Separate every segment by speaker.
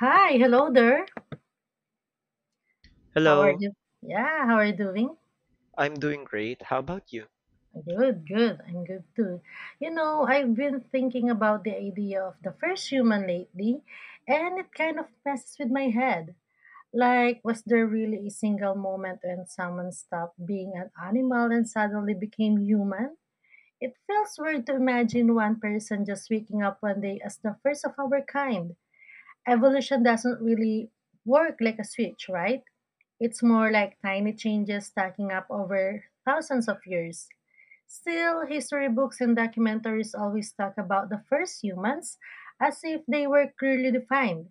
Speaker 1: Hi, hello there. How are
Speaker 2: Hello,
Speaker 1: you? Yeah, how are you doing?
Speaker 2: I'm doing great. How about you?
Speaker 1: Good, good. I'm good too. You know, I've been thinking about the idea of the first human lately, and it kind of messes with my head. Like, was there really a single moment when someone stopped being an animal and suddenly became human? It feels weird to imagine one person just waking up one day as the first of our kind. Evolution doesn't really work like a switch, right? It's more like tiny changes stacking up over thousands of years. Still, history books and documentaries always talk about the first humans as if they were clearly defined.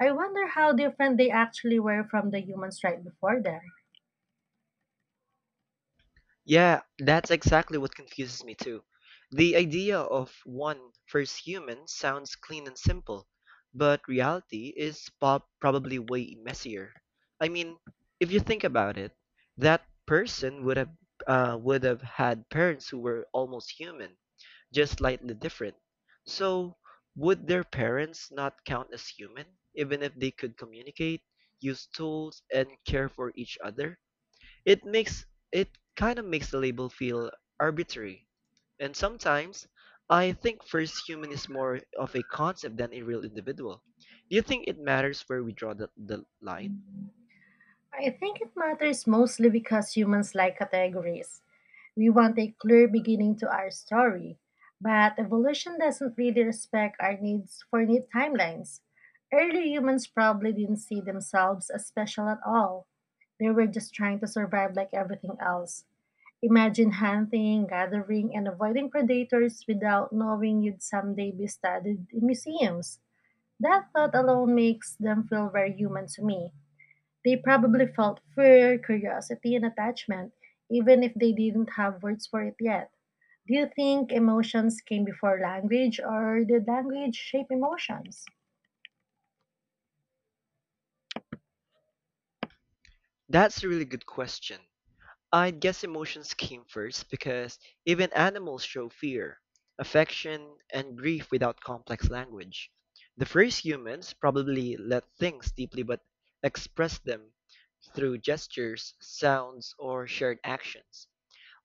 Speaker 1: I wonder how different they actually were from the humans right before them.
Speaker 2: Yeah, that's exactly what confuses me too. The idea of one first human sounds clean and simple, but reality is probably way messier. I mean, if you think about it, that person would have had parents who were almost human, just slightly different. So, would their parents not count as human, even if they could communicate, use tools, and care for each other? It kind of makes the label feel arbitrary. And sometimes I think first human is more of a concept than a real individual. Do you think it matters where we draw the line?
Speaker 1: I think it matters mostly because humans like categories. We want a clear beginning to our story, but evolution doesn't really respect our needs for neat timelines. Early humans probably didn't see themselves as special at all. They were just trying to survive like everything else. Imagine hunting, gathering, and avoiding predators without knowing you'd someday be studied in museums. That thought alone makes them feel very human to me. They probably felt fear, curiosity, and attachment, even if they didn't have words for it yet. Do you think emotions came before language, or did language shape emotions?
Speaker 2: That's a really good question. I guess emotions came first because even animals show fear, affection, and grief without complex language. The first humans probably let things deeply but expressed them through gestures, sounds, or shared actions.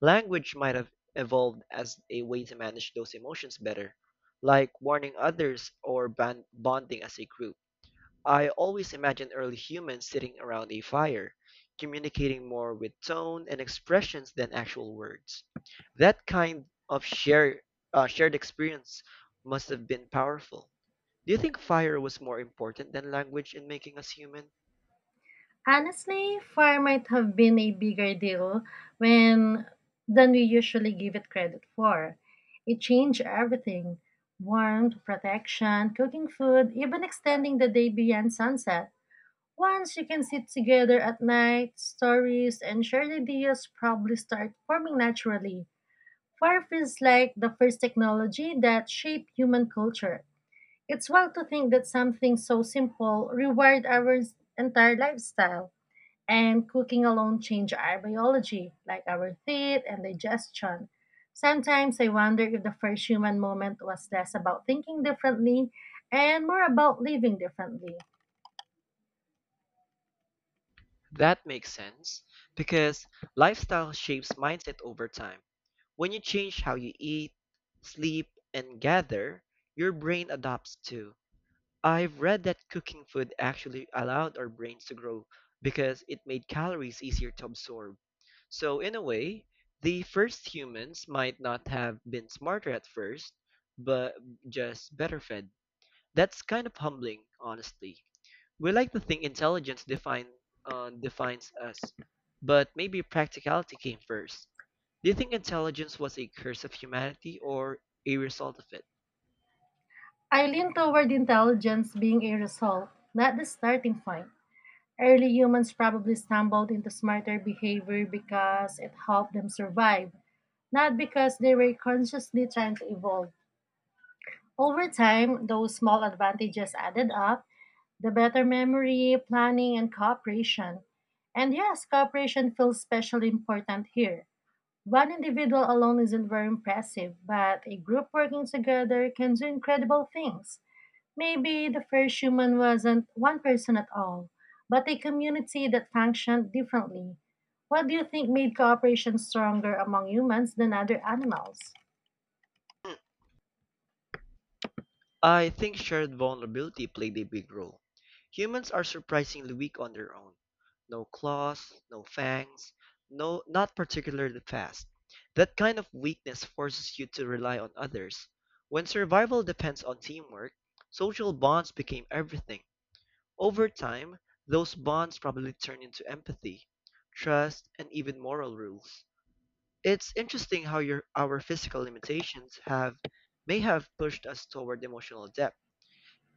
Speaker 2: Language might have evolved as a way to manage those emotions better, like warning others or bonding as a group. I always imagine early humans sitting around a fire, communicating more with tone and expressions than actual words. That kind of shared experience must have been powerful. Do you think fire was more important than language in making us human?
Speaker 1: Honestly, far might have been a bigger deal when than we usually give it credit for. It changed everything. Warmth, protection, cooking food, even extending the day beyond sunset. Once you can sit together at night, stories and shared ideas probably start forming naturally. Fire feels like the first technology that shaped human culture. It's wild to think that something so simple rewired our entire lifestyle and cooking alone change our biology, like our teeth and digestion. Sometimes I wonder if the first human moment was less about thinking differently and more about living differently.
Speaker 2: That makes sense, because lifestyle shapes mindset over time. When you change how you eat, sleep, and gather, your brain adapts too. I've read that cooking food actually allowed our brains to grow because it made calories easier to absorb. So, in a way, the first humans might not have been smarter at first, but just better fed. That's kind of humbling, honestly. We like to think intelligence defines us, but maybe practicality came first. Do you think intelligence was a curse of humanity or a result of it?
Speaker 1: I lean toward intelligence being a result, not the starting point. Early humans probably stumbled into smarter behavior because it helped them survive, not because they were consciously trying to evolve. Over time, those small advantages added up the better memory, planning, and cooperation. And yes, cooperation feels especially important here. One individual alone isn't very impressive, but a group working together can do incredible things. Maybe the first human wasn't one person at all, but a community that functioned differently. What do you think made cooperation stronger among humans than other animals?
Speaker 2: I think shared vulnerability played a big role. Humans are surprisingly weak on their own. No claws, no fangs, no not particularly fast. That kind of weakness forces you to rely on others. When survival depends on teamwork, social bonds became everything. Over time, those bonds probably turn into empathy, trust, and even moral rules. It's interesting how your our physical limitations have may have pushed us toward emotional depth.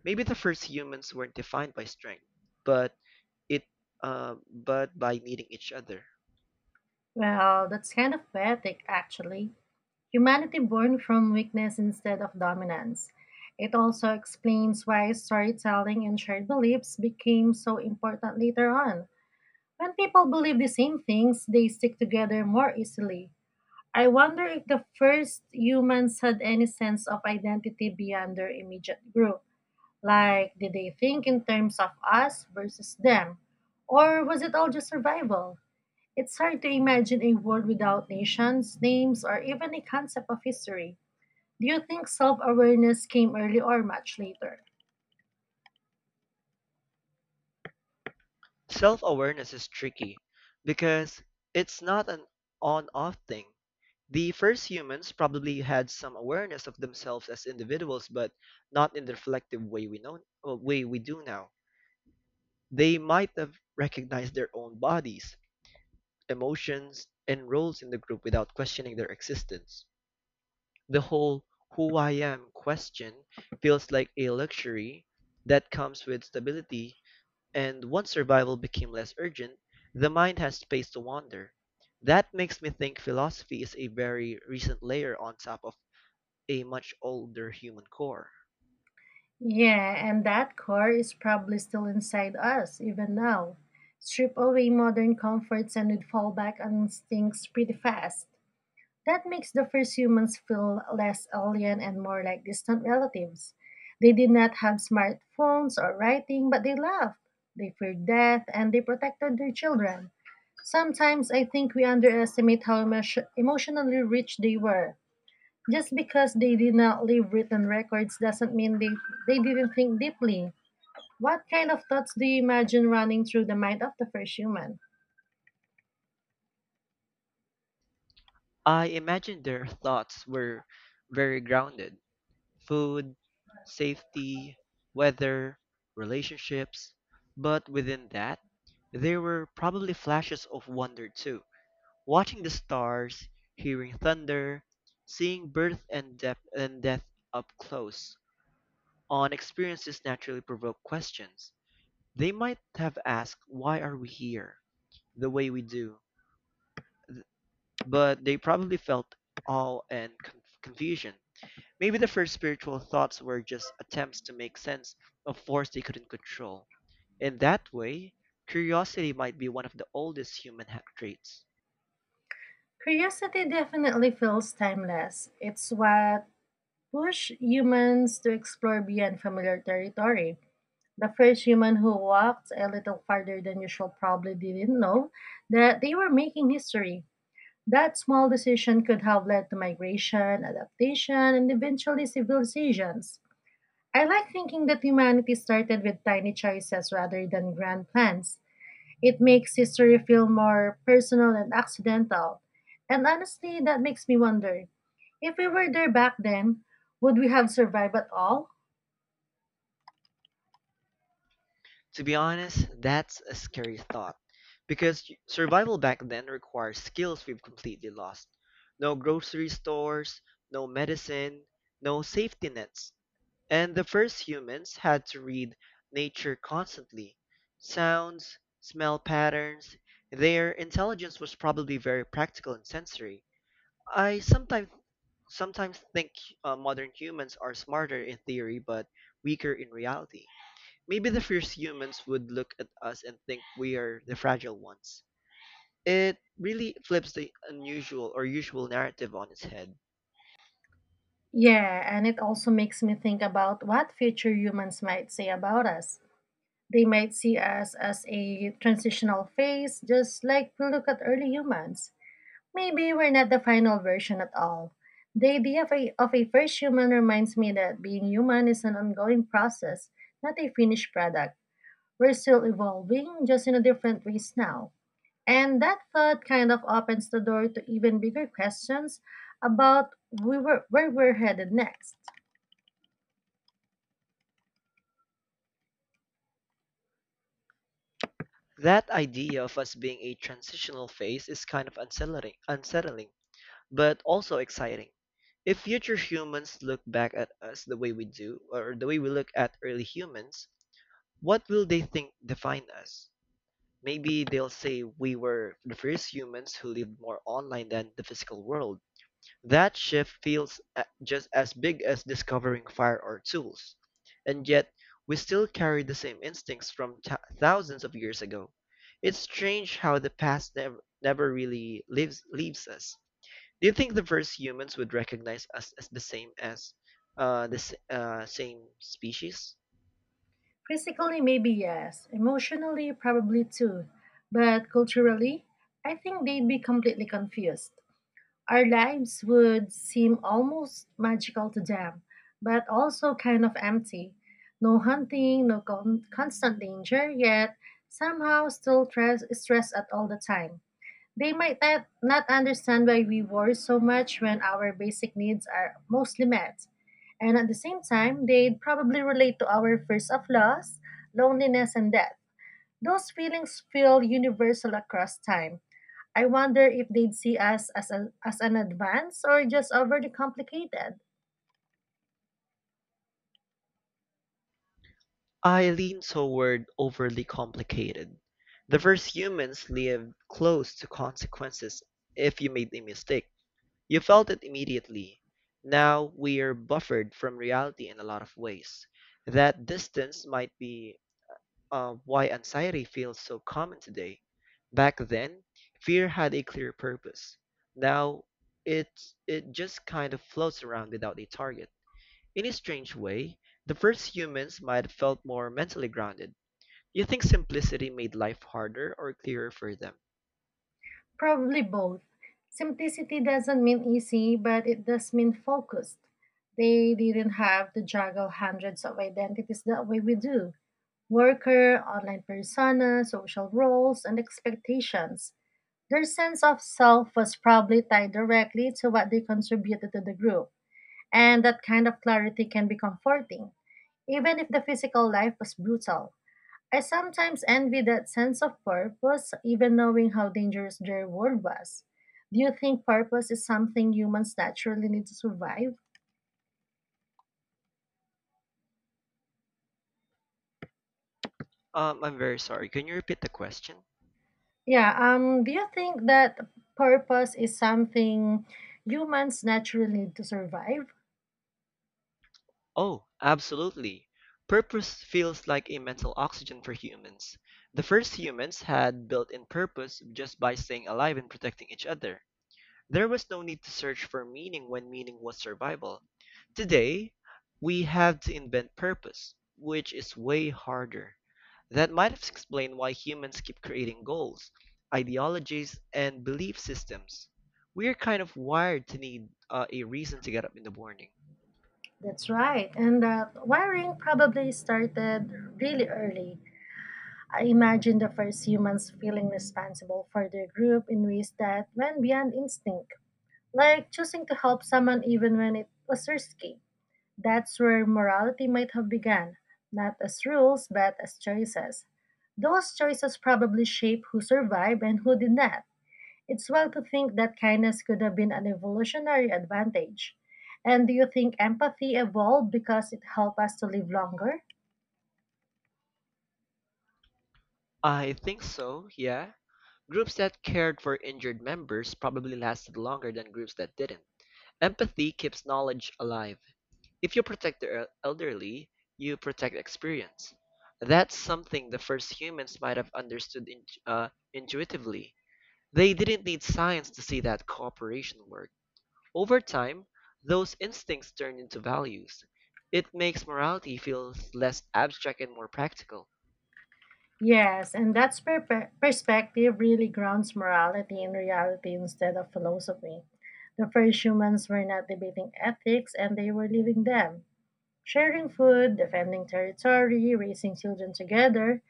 Speaker 2: Maybe the first humans weren't defined by strength, but it but by needing each other.
Speaker 1: Well, that's kind of poetic, actually. Humanity born from weakness instead of dominance. It also explains why storytelling and shared beliefs became so important later on. When people believe the same things, they stick together more easily. I wonder if the first humans had any sense of identity beyond their immediate group. Like, did they think in terms of us versus them? Or was it all just survival? It's hard to imagine a world without nations, names, or even a concept of history. Do you think self awareness came early or much later?
Speaker 2: Self-awareness is tricky because it's not an on-off thing. The first humans probably had some awareness of themselves as individuals, but not in the reflective way we do now. They might have recognized their own bodies, emotions, and roles in the group without questioning their existence. The whole who I am question feels like a luxury that comes with stability, and once survival became less urgent, the mind has space to wander. That makes me think philosophy is a very recent layer on top of a much older human core.
Speaker 1: Yeah, and that core is probably still inside us, even now. Strip away modern comforts and we'd fall back on instincts pretty fast. That makes the first humans feel less alien and more like distant relatives. They did not have smartphones or writing, but they laughed. They feared death and they protected their children. Sometimes I think we underestimate how emotionally rich they were. Just because they did not leave written records doesn't mean they didn't think deeply. What kind of thoughts do you imagine running through the mind of the first human?
Speaker 2: I imagine their thoughts were very grounded. Food, safety, weather, relationships. But within that, there were probably flashes of wonder too. Watching the stars, hearing thunder, seeing birth and depth and death up close. On experiences naturally provoke questions. They might have asked, why are we here? The way we do. But they probably felt awe and confusion. Maybe the first spiritual thoughts were just attempts to make sense of force they couldn't control. In that way, curiosity might be one of the oldest human traits.
Speaker 1: Curiosity definitely feels timeless. It's what push humans to explore beyond familiar territory. The first human who walked a little farther than usual probably didn't know that they were making history. That small decision could have led to migration, adaptation, and eventually civilizations. I like thinking that humanity started with tiny choices rather than grand plans. It makes history feel more personal and accidental. And honestly, that makes me wonder if we were there back then, would we have survived at all?
Speaker 2: To be honest, that's a scary thought, because survival back then required skills we've completely lost. No grocery stores, no medicine, no safety nets. And the first humans had to read nature constantly. Sounds, smell patterns, their intelligence was probably very practical and sensory. I sometimes think modern humans are smarter in theory but weaker in reality. Maybe the fierce humans would look at us and think we are the fragile ones. It really flips the unusual or usual narrative on its head.
Speaker 1: Yeah, and it also makes me think about what future humans might say about us. They might see us as a transitional phase, just like we look at early humans. Maybe we're not the final version at all. The idea of a first human reminds me that being human is an ongoing process, not a finished product. We're still evolving, just in a different ways now. And that thought kind of opens the door to even bigger questions about where we're headed next.
Speaker 2: That idea of us being a transitional phase is kind of unsettling, but also exciting. If future humans look back at us the way we do, or the way we look at early humans, what will they think defined us? Maybe they'll say we were the first humans who lived more online than the physical world. That shift feels just as big as discovering fire or tools. And yet, we still carry the same instincts from thousands of years ago. It's strange how the past never really leaves us. Do you think the first humans would recognize us as the same as the s- same species?
Speaker 1: Physically, maybe yes. Emotionally, probably too. But culturally, I think they'd be completely confused. Our lives would seem almost magical to them, but also kind of empty. No hunting, no constant danger, yet somehow still stress at all the time. They might not understand why we worry so much when our basic needs are mostly met. And at the same time, they'd probably relate to our fears of loss, loneliness, and death. Those feelings feel universal across time. I wonder if they'd see us as an advance or just overly complicated.
Speaker 2: I lean toward overly complicated. The first humans lived close to consequences if you made a mistake. You felt it immediately. Now we are buffered from reality in a lot of ways. That distance might be why anxiety feels so common today. Back then, fear had a clear purpose. Now, it, it just kind of floats around without a target. In a strange way, the first humans might have felt more mentally grounded. Do you think simplicity made life harder or clearer for them?
Speaker 1: Probably both. Simplicity doesn't mean easy, but it does mean focused. They didn't have to juggle hundreds of identities the way we do. Worker, online persona, social roles, and expectations. Their sense of self was probably tied directly to what they contributed to the group, and that kind of clarity can be comforting, even if the physical life was brutal. I sometimes envy that sense of purpose, even knowing how dangerous their world was. Do you think purpose is something humans naturally need to survive?
Speaker 2: I'm very sorry. Can you repeat the question?
Speaker 1: Yeah, do you think that purpose is something humans naturally need to survive?
Speaker 2: Oh, absolutely. Purpose feels like a mental oxygen for humans. The first humans had built in purpose just by staying alive and protecting each other. There was no need to search for meaning when meaning was survival. Today, we have to invent purpose, which is way harder. That might explain why humans keep creating goals, ideologies, and belief systems. We're kind of wired to need a reason to get up in the morning.
Speaker 1: That's right. And that wiring probably started really early. I imagine the first humans feeling responsible for their group in ways that went beyond instinct, like choosing to help someone even when it was risky. That's where morality might have begun, not as rules, but as choices. Those choices probably shape who survived and who did not. It's wild to think that kindness could have been an evolutionary advantage. And do you think empathy evolved because it helped us to live longer?
Speaker 2: I think so, yeah. Groups that cared for injured members probably lasted longer than groups that didn't. Empathy keeps knowledge alive. If you protect the elderly, you protect experience. That's something the first humans might have understood intuitively. They didn't need science to see that cooperation worked. Over time, those instincts turn into values. It makes morality feel less abstract and more practical.
Speaker 1: Yes, and that perspective really grounds morality in reality instead of philosophy. The first humans were not debating ethics and they were living them. Sharing food, defending territory, raising children together,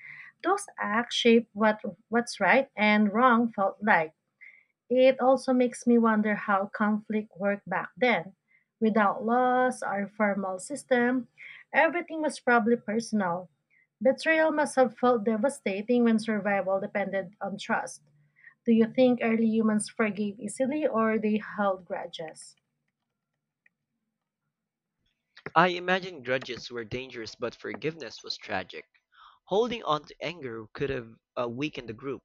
Speaker 1: those acts shaped what's right and wrong felt like. It also makes me wonder how conflict worked back then. Without laws or formal system, everything was probably personal. Betrayal must have felt devastating when survival depended on trust. Do you think early humans forgave easily or they held grudges?
Speaker 2: I imagine grudges were dangerous, but forgiveness was tragic. Holding on to anger could have weakened the group,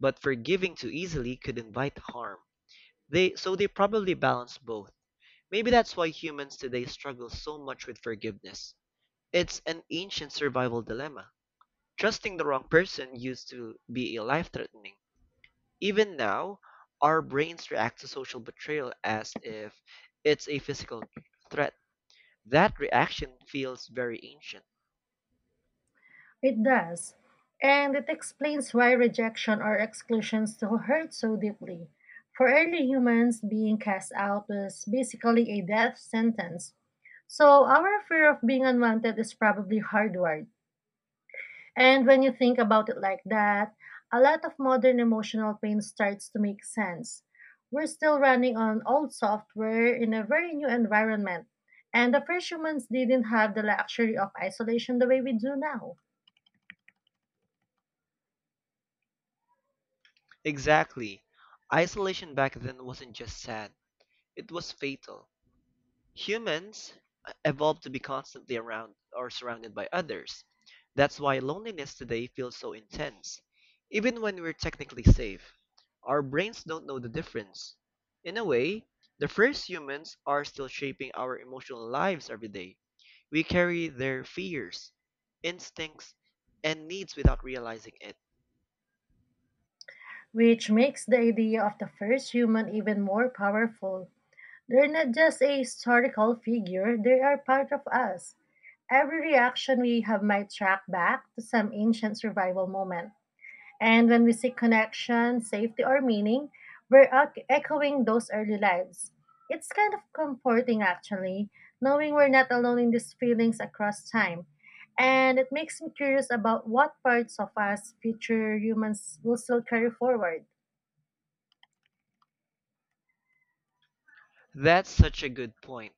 Speaker 2: but forgiving too easily could invite harm. They probably balance both. Maybe that's why humans today struggle so much with forgiveness. It's an ancient survival dilemma. Trusting the wrong person used to be life-threatening. Even now, our brains react to social betrayal as if it's a physical threat. That reaction feels very ancient.
Speaker 1: It does. And it explains why rejection or exclusion still hurt so deeply. For early humans, being cast out was basically a death sentence. So our fear of being unwanted is probably hardwired. And when you think about it like that, a lot of modern emotional pain starts to make sense. We're still running on old software in a very new environment. And the first humans didn't have the luxury of isolation the way we do now,
Speaker 2: Exactly. Isolation back then wasn't just sad, it was fatal. Humans evolved to be constantly around or surrounded by others. That's why loneliness today feels so intense. Even when we're technically safe, our brains don't know the difference. In a way, the first humans are still shaping our emotional lives every day. We carry their fears, instincts, and needs without realizing it.
Speaker 1: which makes the idea of the first human even more powerful. They're not just a historical figure, they are part of us. Every reaction we have might track back to some ancient survival moment. And when we seek connection, safety, or meaning, we're echoing those early lives. It's kind of comforting, actually, knowing we're not alone in these feelings across time. And it makes me curious about what parts of us, future humans, will still carry forward.
Speaker 2: That's such a good point.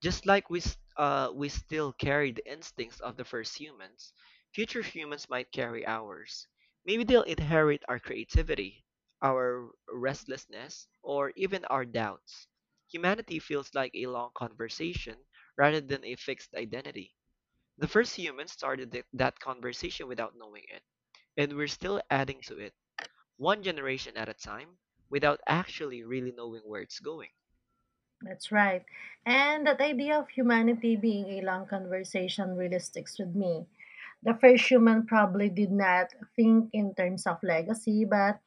Speaker 2: Just like we still carry the instincts of the first humans, future humans might carry ours. Maybe they'll inherit our creativity, our restlessness, or even our doubts. Humanity feels like a long conversation rather than a fixed identity. The first humans started that conversation without knowing it, and we're still adding to it, one generation at a time, without actually really knowing where it's going.
Speaker 1: That's right. And that idea of humanity being a long conversation really sticks with me. The first human probably did not think in terms of legacy, but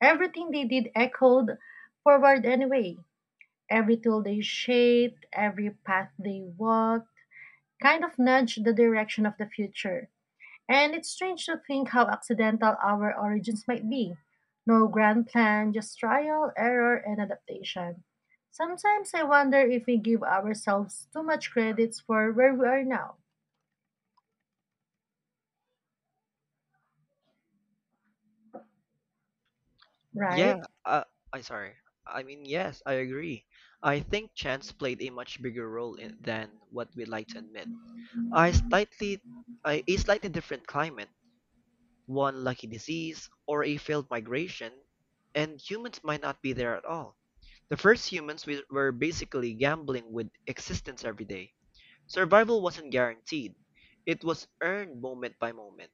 Speaker 1: everything they did echoed forward anyway. Every tool they shaped, every path they walked, kind of nudged the direction of the future. And it's strange to think how accidental our origins might be. No grand plan, just trial, error, and adaptation. Sometimes I wonder if we give ourselves too much credits for where we are now,
Speaker 2: Yeah,
Speaker 1: right?
Speaker 2: uh, I sorry. I mean, yes, I agree. I think chance played a much bigger role in, than what we'd like to admit. I slightly, a slightly different climate, one lucky disease, or a failed migration, and humans might not be there at all. The first humans were basically gambling with existence every day. Survival wasn't guaranteed, it was earned moment by moment.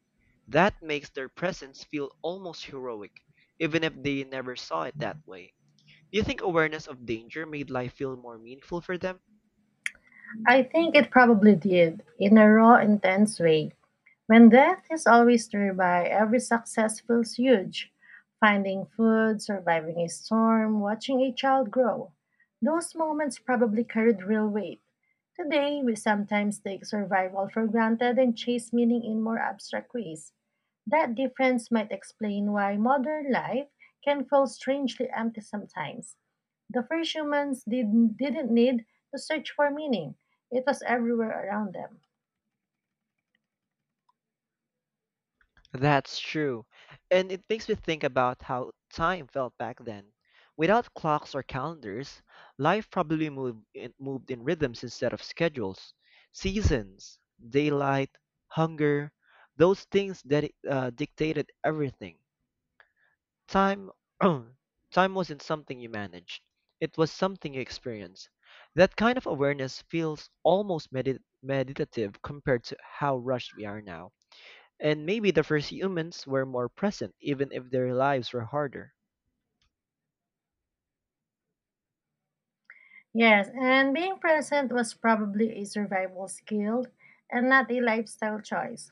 Speaker 2: That makes their presence feel almost heroic, even if they never saw it that way. Do you think awareness of danger made life feel more meaningful for them?
Speaker 1: I think it probably did, in a raw, intense way. When death is always nearby, every success feels huge. Finding food, surviving a storm, watching a child grow. Those moments probably carried real weight. Today, we sometimes take survival for granted and chase meaning in more abstract ways. That difference might explain why modern life can feel strangely empty sometimes. The first humans didn't need to search for meaning, it was everywhere around them.
Speaker 2: That's true, and it makes me think about how time felt back then. Without clocks or calendars, life probably moved in rhythms instead of schedules. Seasons, daylight, hunger, those things that dictated everything. Time time wasn't something you managed. It was something you experienced. That kind of awareness feels almost meditative compared to how rushed we are now. And maybe the first humans were more present even if their lives were harder.
Speaker 1: Yes, and being present was probably a survival skill and not a lifestyle choice.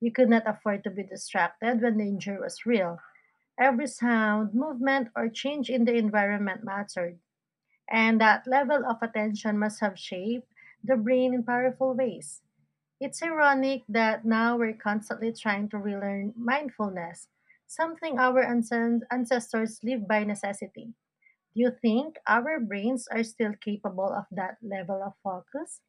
Speaker 1: You could not afford to be distracted when danger was real. Every sound, movement, or change in the environment mattered, and that level of attention must have shaped the brain in powerful ways. It's ironic that now we're constantly trying to relearn mindfulness, something our ancestors lived by necessity. Do you think our brains are still capable of that level of focus?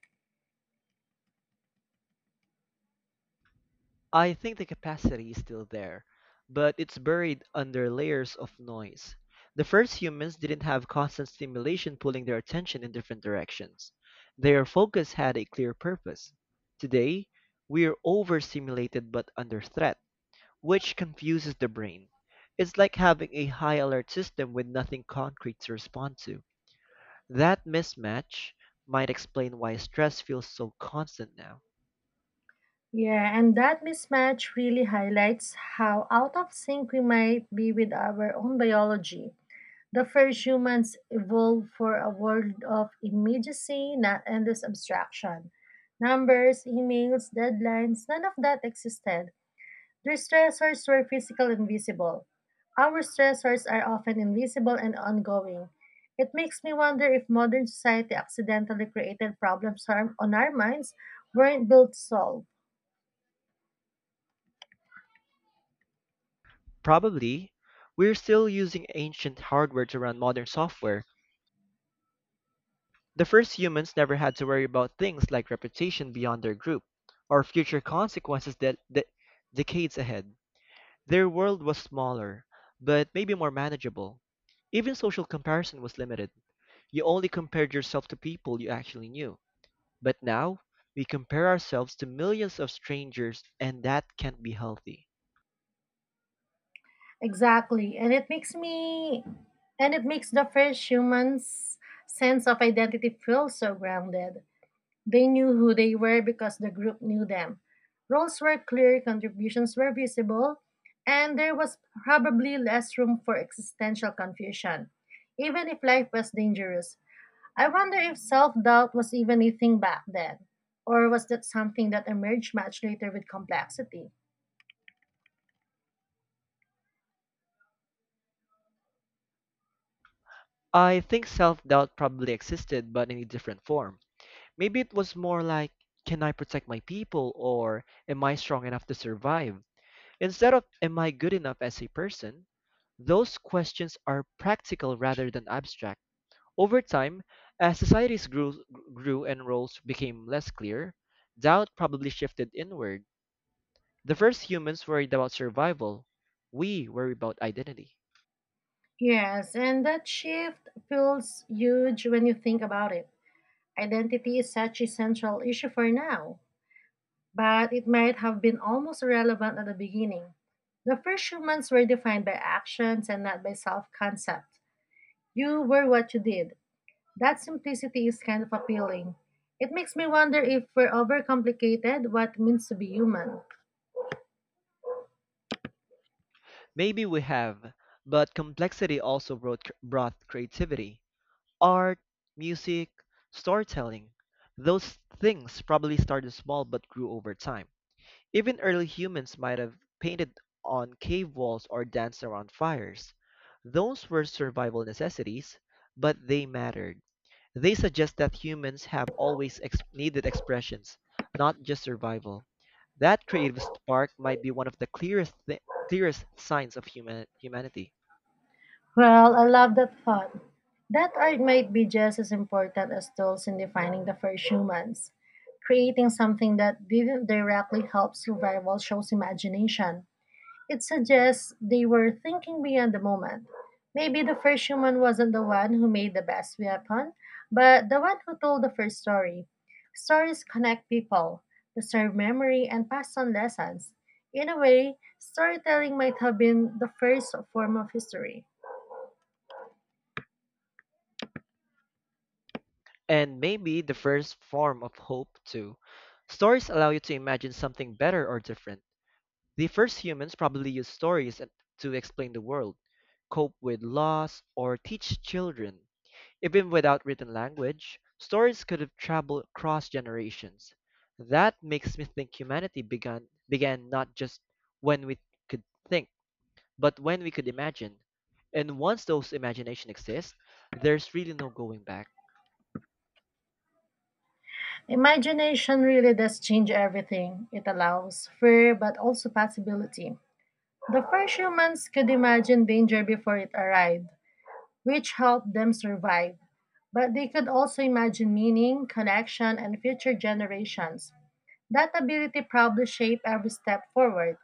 Speaker 2: I think the capacity is still there, but it's buried under layers of noise. The first humans didn't have constant stimulation pulling their attention in different directions. Their focus had a clear purpose. Today, we're overstimulated but under threat, which confuses the brain. It's like having a high alert system with nothing concrete to respond to. That mismatch might explain why stress feels so constant now.
Speaker 1: Yeah, and that mismatch really highlights how out of sync we might be with our own biology. The first humans evolved for a world of immediacy, not endless abstraction. Numbers, emails, deadlines, none of that existed. Their stressors were physical and visible. Our stressors are often invisible and ongoing. It makes me wonder if modern society accidentally created problems harm on our minds weren't built to solve.
Speaker 2: Probably. We're still using ancient hardware to run modern software. The first humans never had to worry about things like reputation beyond their group, or future consequences that decades ahead. Their world was smaller, but maybe more manageable. Even social comparison was limited. You only compared yourself to people you actually knew. But now, we compare ourselves to millions of strangers, and that can't be healthy.
Speaker 1: Exactly. And it makes the first human's sense of identity feel so grounded. They knew who they were because the group knew them. Roles were clear, contributions were visible, and there was probably less room for existential confusion, even if life was dangerous. I wonder if self doubt was even a thing back then, or was that something that emerged much later with complexity?
Speaker 2: I think self doubt probably existed, but in a different form. Maybe it was more like, can I protect my people or am I strong enough to survive? Instead of, am I good enough as a person? Those questions are practical rather than abstract. Over time, as societies grew and roles became less clear, doubt probably shifted inward. The first humans worried about survival. We worry about identity.
Speaker 1: Yes, and that shift feels huge when you think about it. Identity is such a central issue for now, but it might have been almost irrelevant at the beginning. The first humans were defined by actions and not by self concept. You were what you did. That simplicity is kind of appealing. It makes me wonder if we're overcomplicated what it means to be human.
Speaker 2: Maybe we have, but complexity also brought creativity. Art, music, storytelling. Those things probably started small but grew over time. Even early humans might have painted on cave walls or danced around fires. Those were survival necessities, but they mattered. They suggest that humans have always needed expressions, not just survival. That creative spark might be one of the clearest signs of humanity.
Speaker 1: Well, I love that thought. That art might be just as important as tools in defining the first humans. Creating something that didn't directly help survival shows imagination. It suggests they were thinking beyond the moment. Maybe the first human wasn't the one who made the best weapon, but the one who told the first story. Stories connect people, preserve memory, and pass on lessons. In a way, storytelling might have been the first form of history.
Speaker 2: And maybe the first form of hope, too. Stories allow you to imagine something better or different. The first humans probably used to explain the world, cope with loss, or teach children. Even without written language, stories could have traveled across generations. That makes me think humanity began not just when we could think, but when we could imagine. And once those imagination exists, there's really no going back.
Speaker 1: Imagination really does change everything. It allows fear but also possibility. The first humans could imagine danger before it arrived, which helped them survive, but they could also imagine meaning, connection, and future generations. That ability probably shaped every step forward.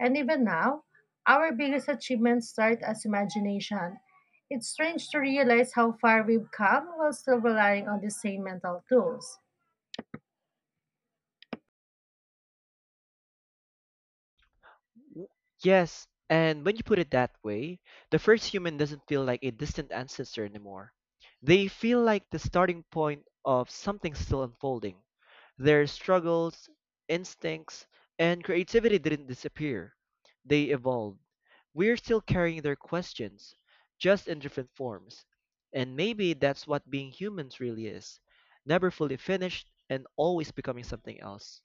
Speaker 1: And even now, our biggest achievements start as imagination. It's strange to realize how far we've come while still relying on the same mental tools.
Speaker 2: W- Yes, and when you put it that way, the first human doesn't feel like a distant ancestor anymore. They feel like the starting point of something still unfolding. Their struggles, instincts, and creativity didn't disappear. They evolved. We're still carrying their questions, just in different forms. And maybe that's what being humans really is, never fully finished and always becoming something else.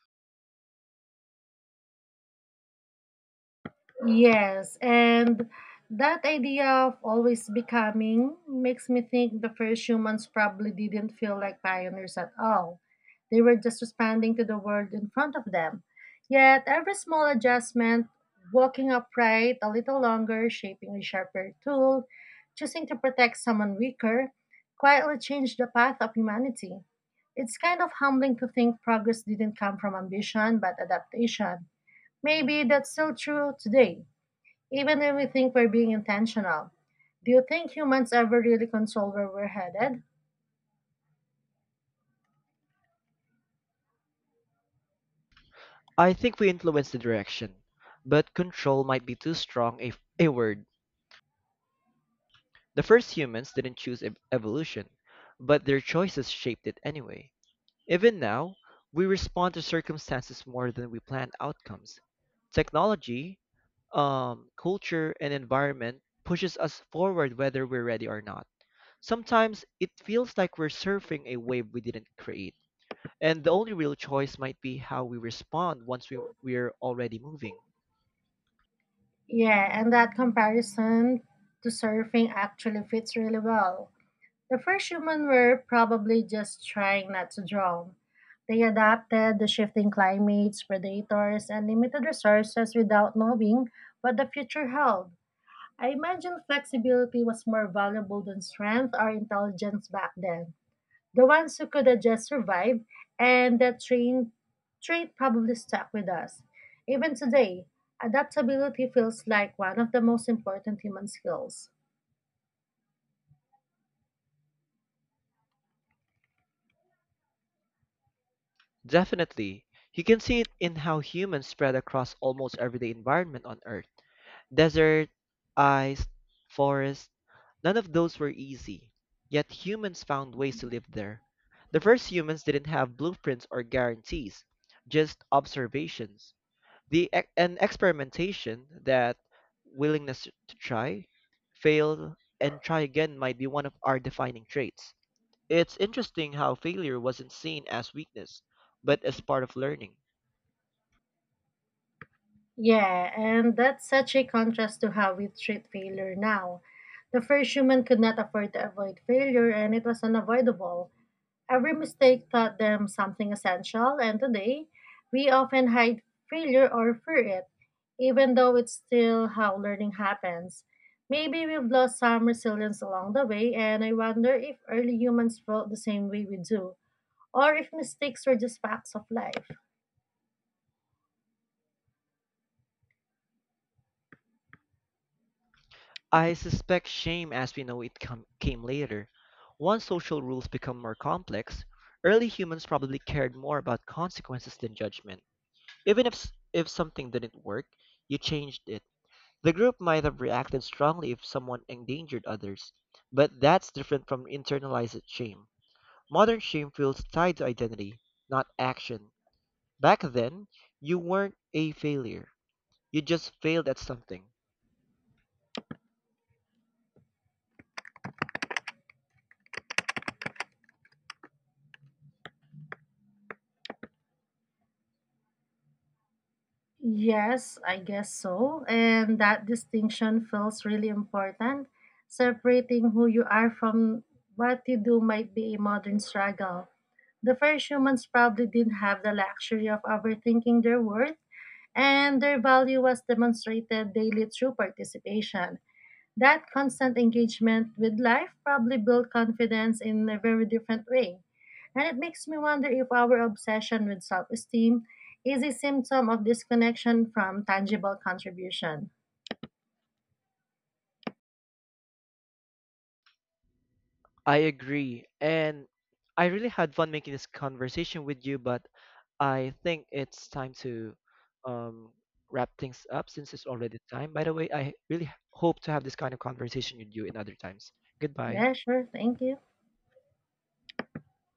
Speaker 1: Yes, and that idea of always becoming makes me think the first humans probably didn't feel like pioneers at all. They were just responding to the world in front of them. Yet every small adjustment, walking upright a little longer, shaping a sharper tool, choosing to protect someone weaker, quietly changed the path of humanity. It's kind of humbling to think progress didn't come from ambition but adaptation. Maybe that's still true today. Even if we think we're being intentional, do you think humans ever really control where we're headed?
Speaker 2: I think we influence the direction, but control might be too strong a word. The first humans didn't choose evolution, but their choices shaped it anyway. Even now, we respond to circumstances more than we plan outcomes. Technology, culture, and environment pushes us forward whether we're ready or not. Sometimes it feels like we're surfing a wave we didn't create, and the only real choice might be how we respond once we're already moving.
Speaker 1: Yeah, and that comparison to surfing actually fits really well. The first humans were probably just trying not to drown. They adapted the shifting climates, predators, and limited resources without knowing what the future held. I imagine flexibility was more valuable than strength or intelligence back then. The ones who could adjust survived, and that train trait probably stuck with us. Even today, adaptability feels like one of the most important human skills.
Speaker 2: Definitely. You can see it in how humans spread across almost everyday environment on Earth. Desert, ice, forest, none of those were easy. Yet humans found ways to live there. The first humans didn't have blueprints or guarantees, just observations. An experimentation, that willingness to try, fail, and try again might be one of our defining traits. It's interesting how failure wasn't seen as weakness, but as part of learning.
Speaker 1: Yeah, and that's such a contrast to how we treat failure now. The first human could not afford to avoid failure, and it was unavoidable. Every mistake taught them something essential, and today, we often hide failure or fear it, even though it's still how learning happens. Maybe we've lost some resilience along the way, and I wonder if early humans felt the same way we do, or if mistakes were just facts of life.
Speaker 2: I suspect shame as we know it came later. Once social rules become more complex, early humans probably cared more about consequences than judgment. Even if something didn't work, you changed it. The group might have reacted strongly if someone endangered others, but that's different from internalized shame. Modern shame feels tied to identity, not action. Back then, you weren't a failure. You just failed at something.
Speaker 1: Yes, I guess so. And that distinction feels really important. Separating who you are from what you do might be a modern struggle. The first humans probably didn't have the luxury of overthinking their worth, and their value was demonstrated daily through participation. That constant engagement with life probably built confidence in a very different way. And it makes me wonder if our obsession with self esteem is a symptom of disconnection from tangible contribution.
Speaker 2: I agree. And I really had fun making this conversation with you, but I think it's time to um, wrap things up since it's already time. By the way, I really hope to have this kind of conversation with you in other times. Goodbye.
Speaker 1: Yeah, sure. Thank you.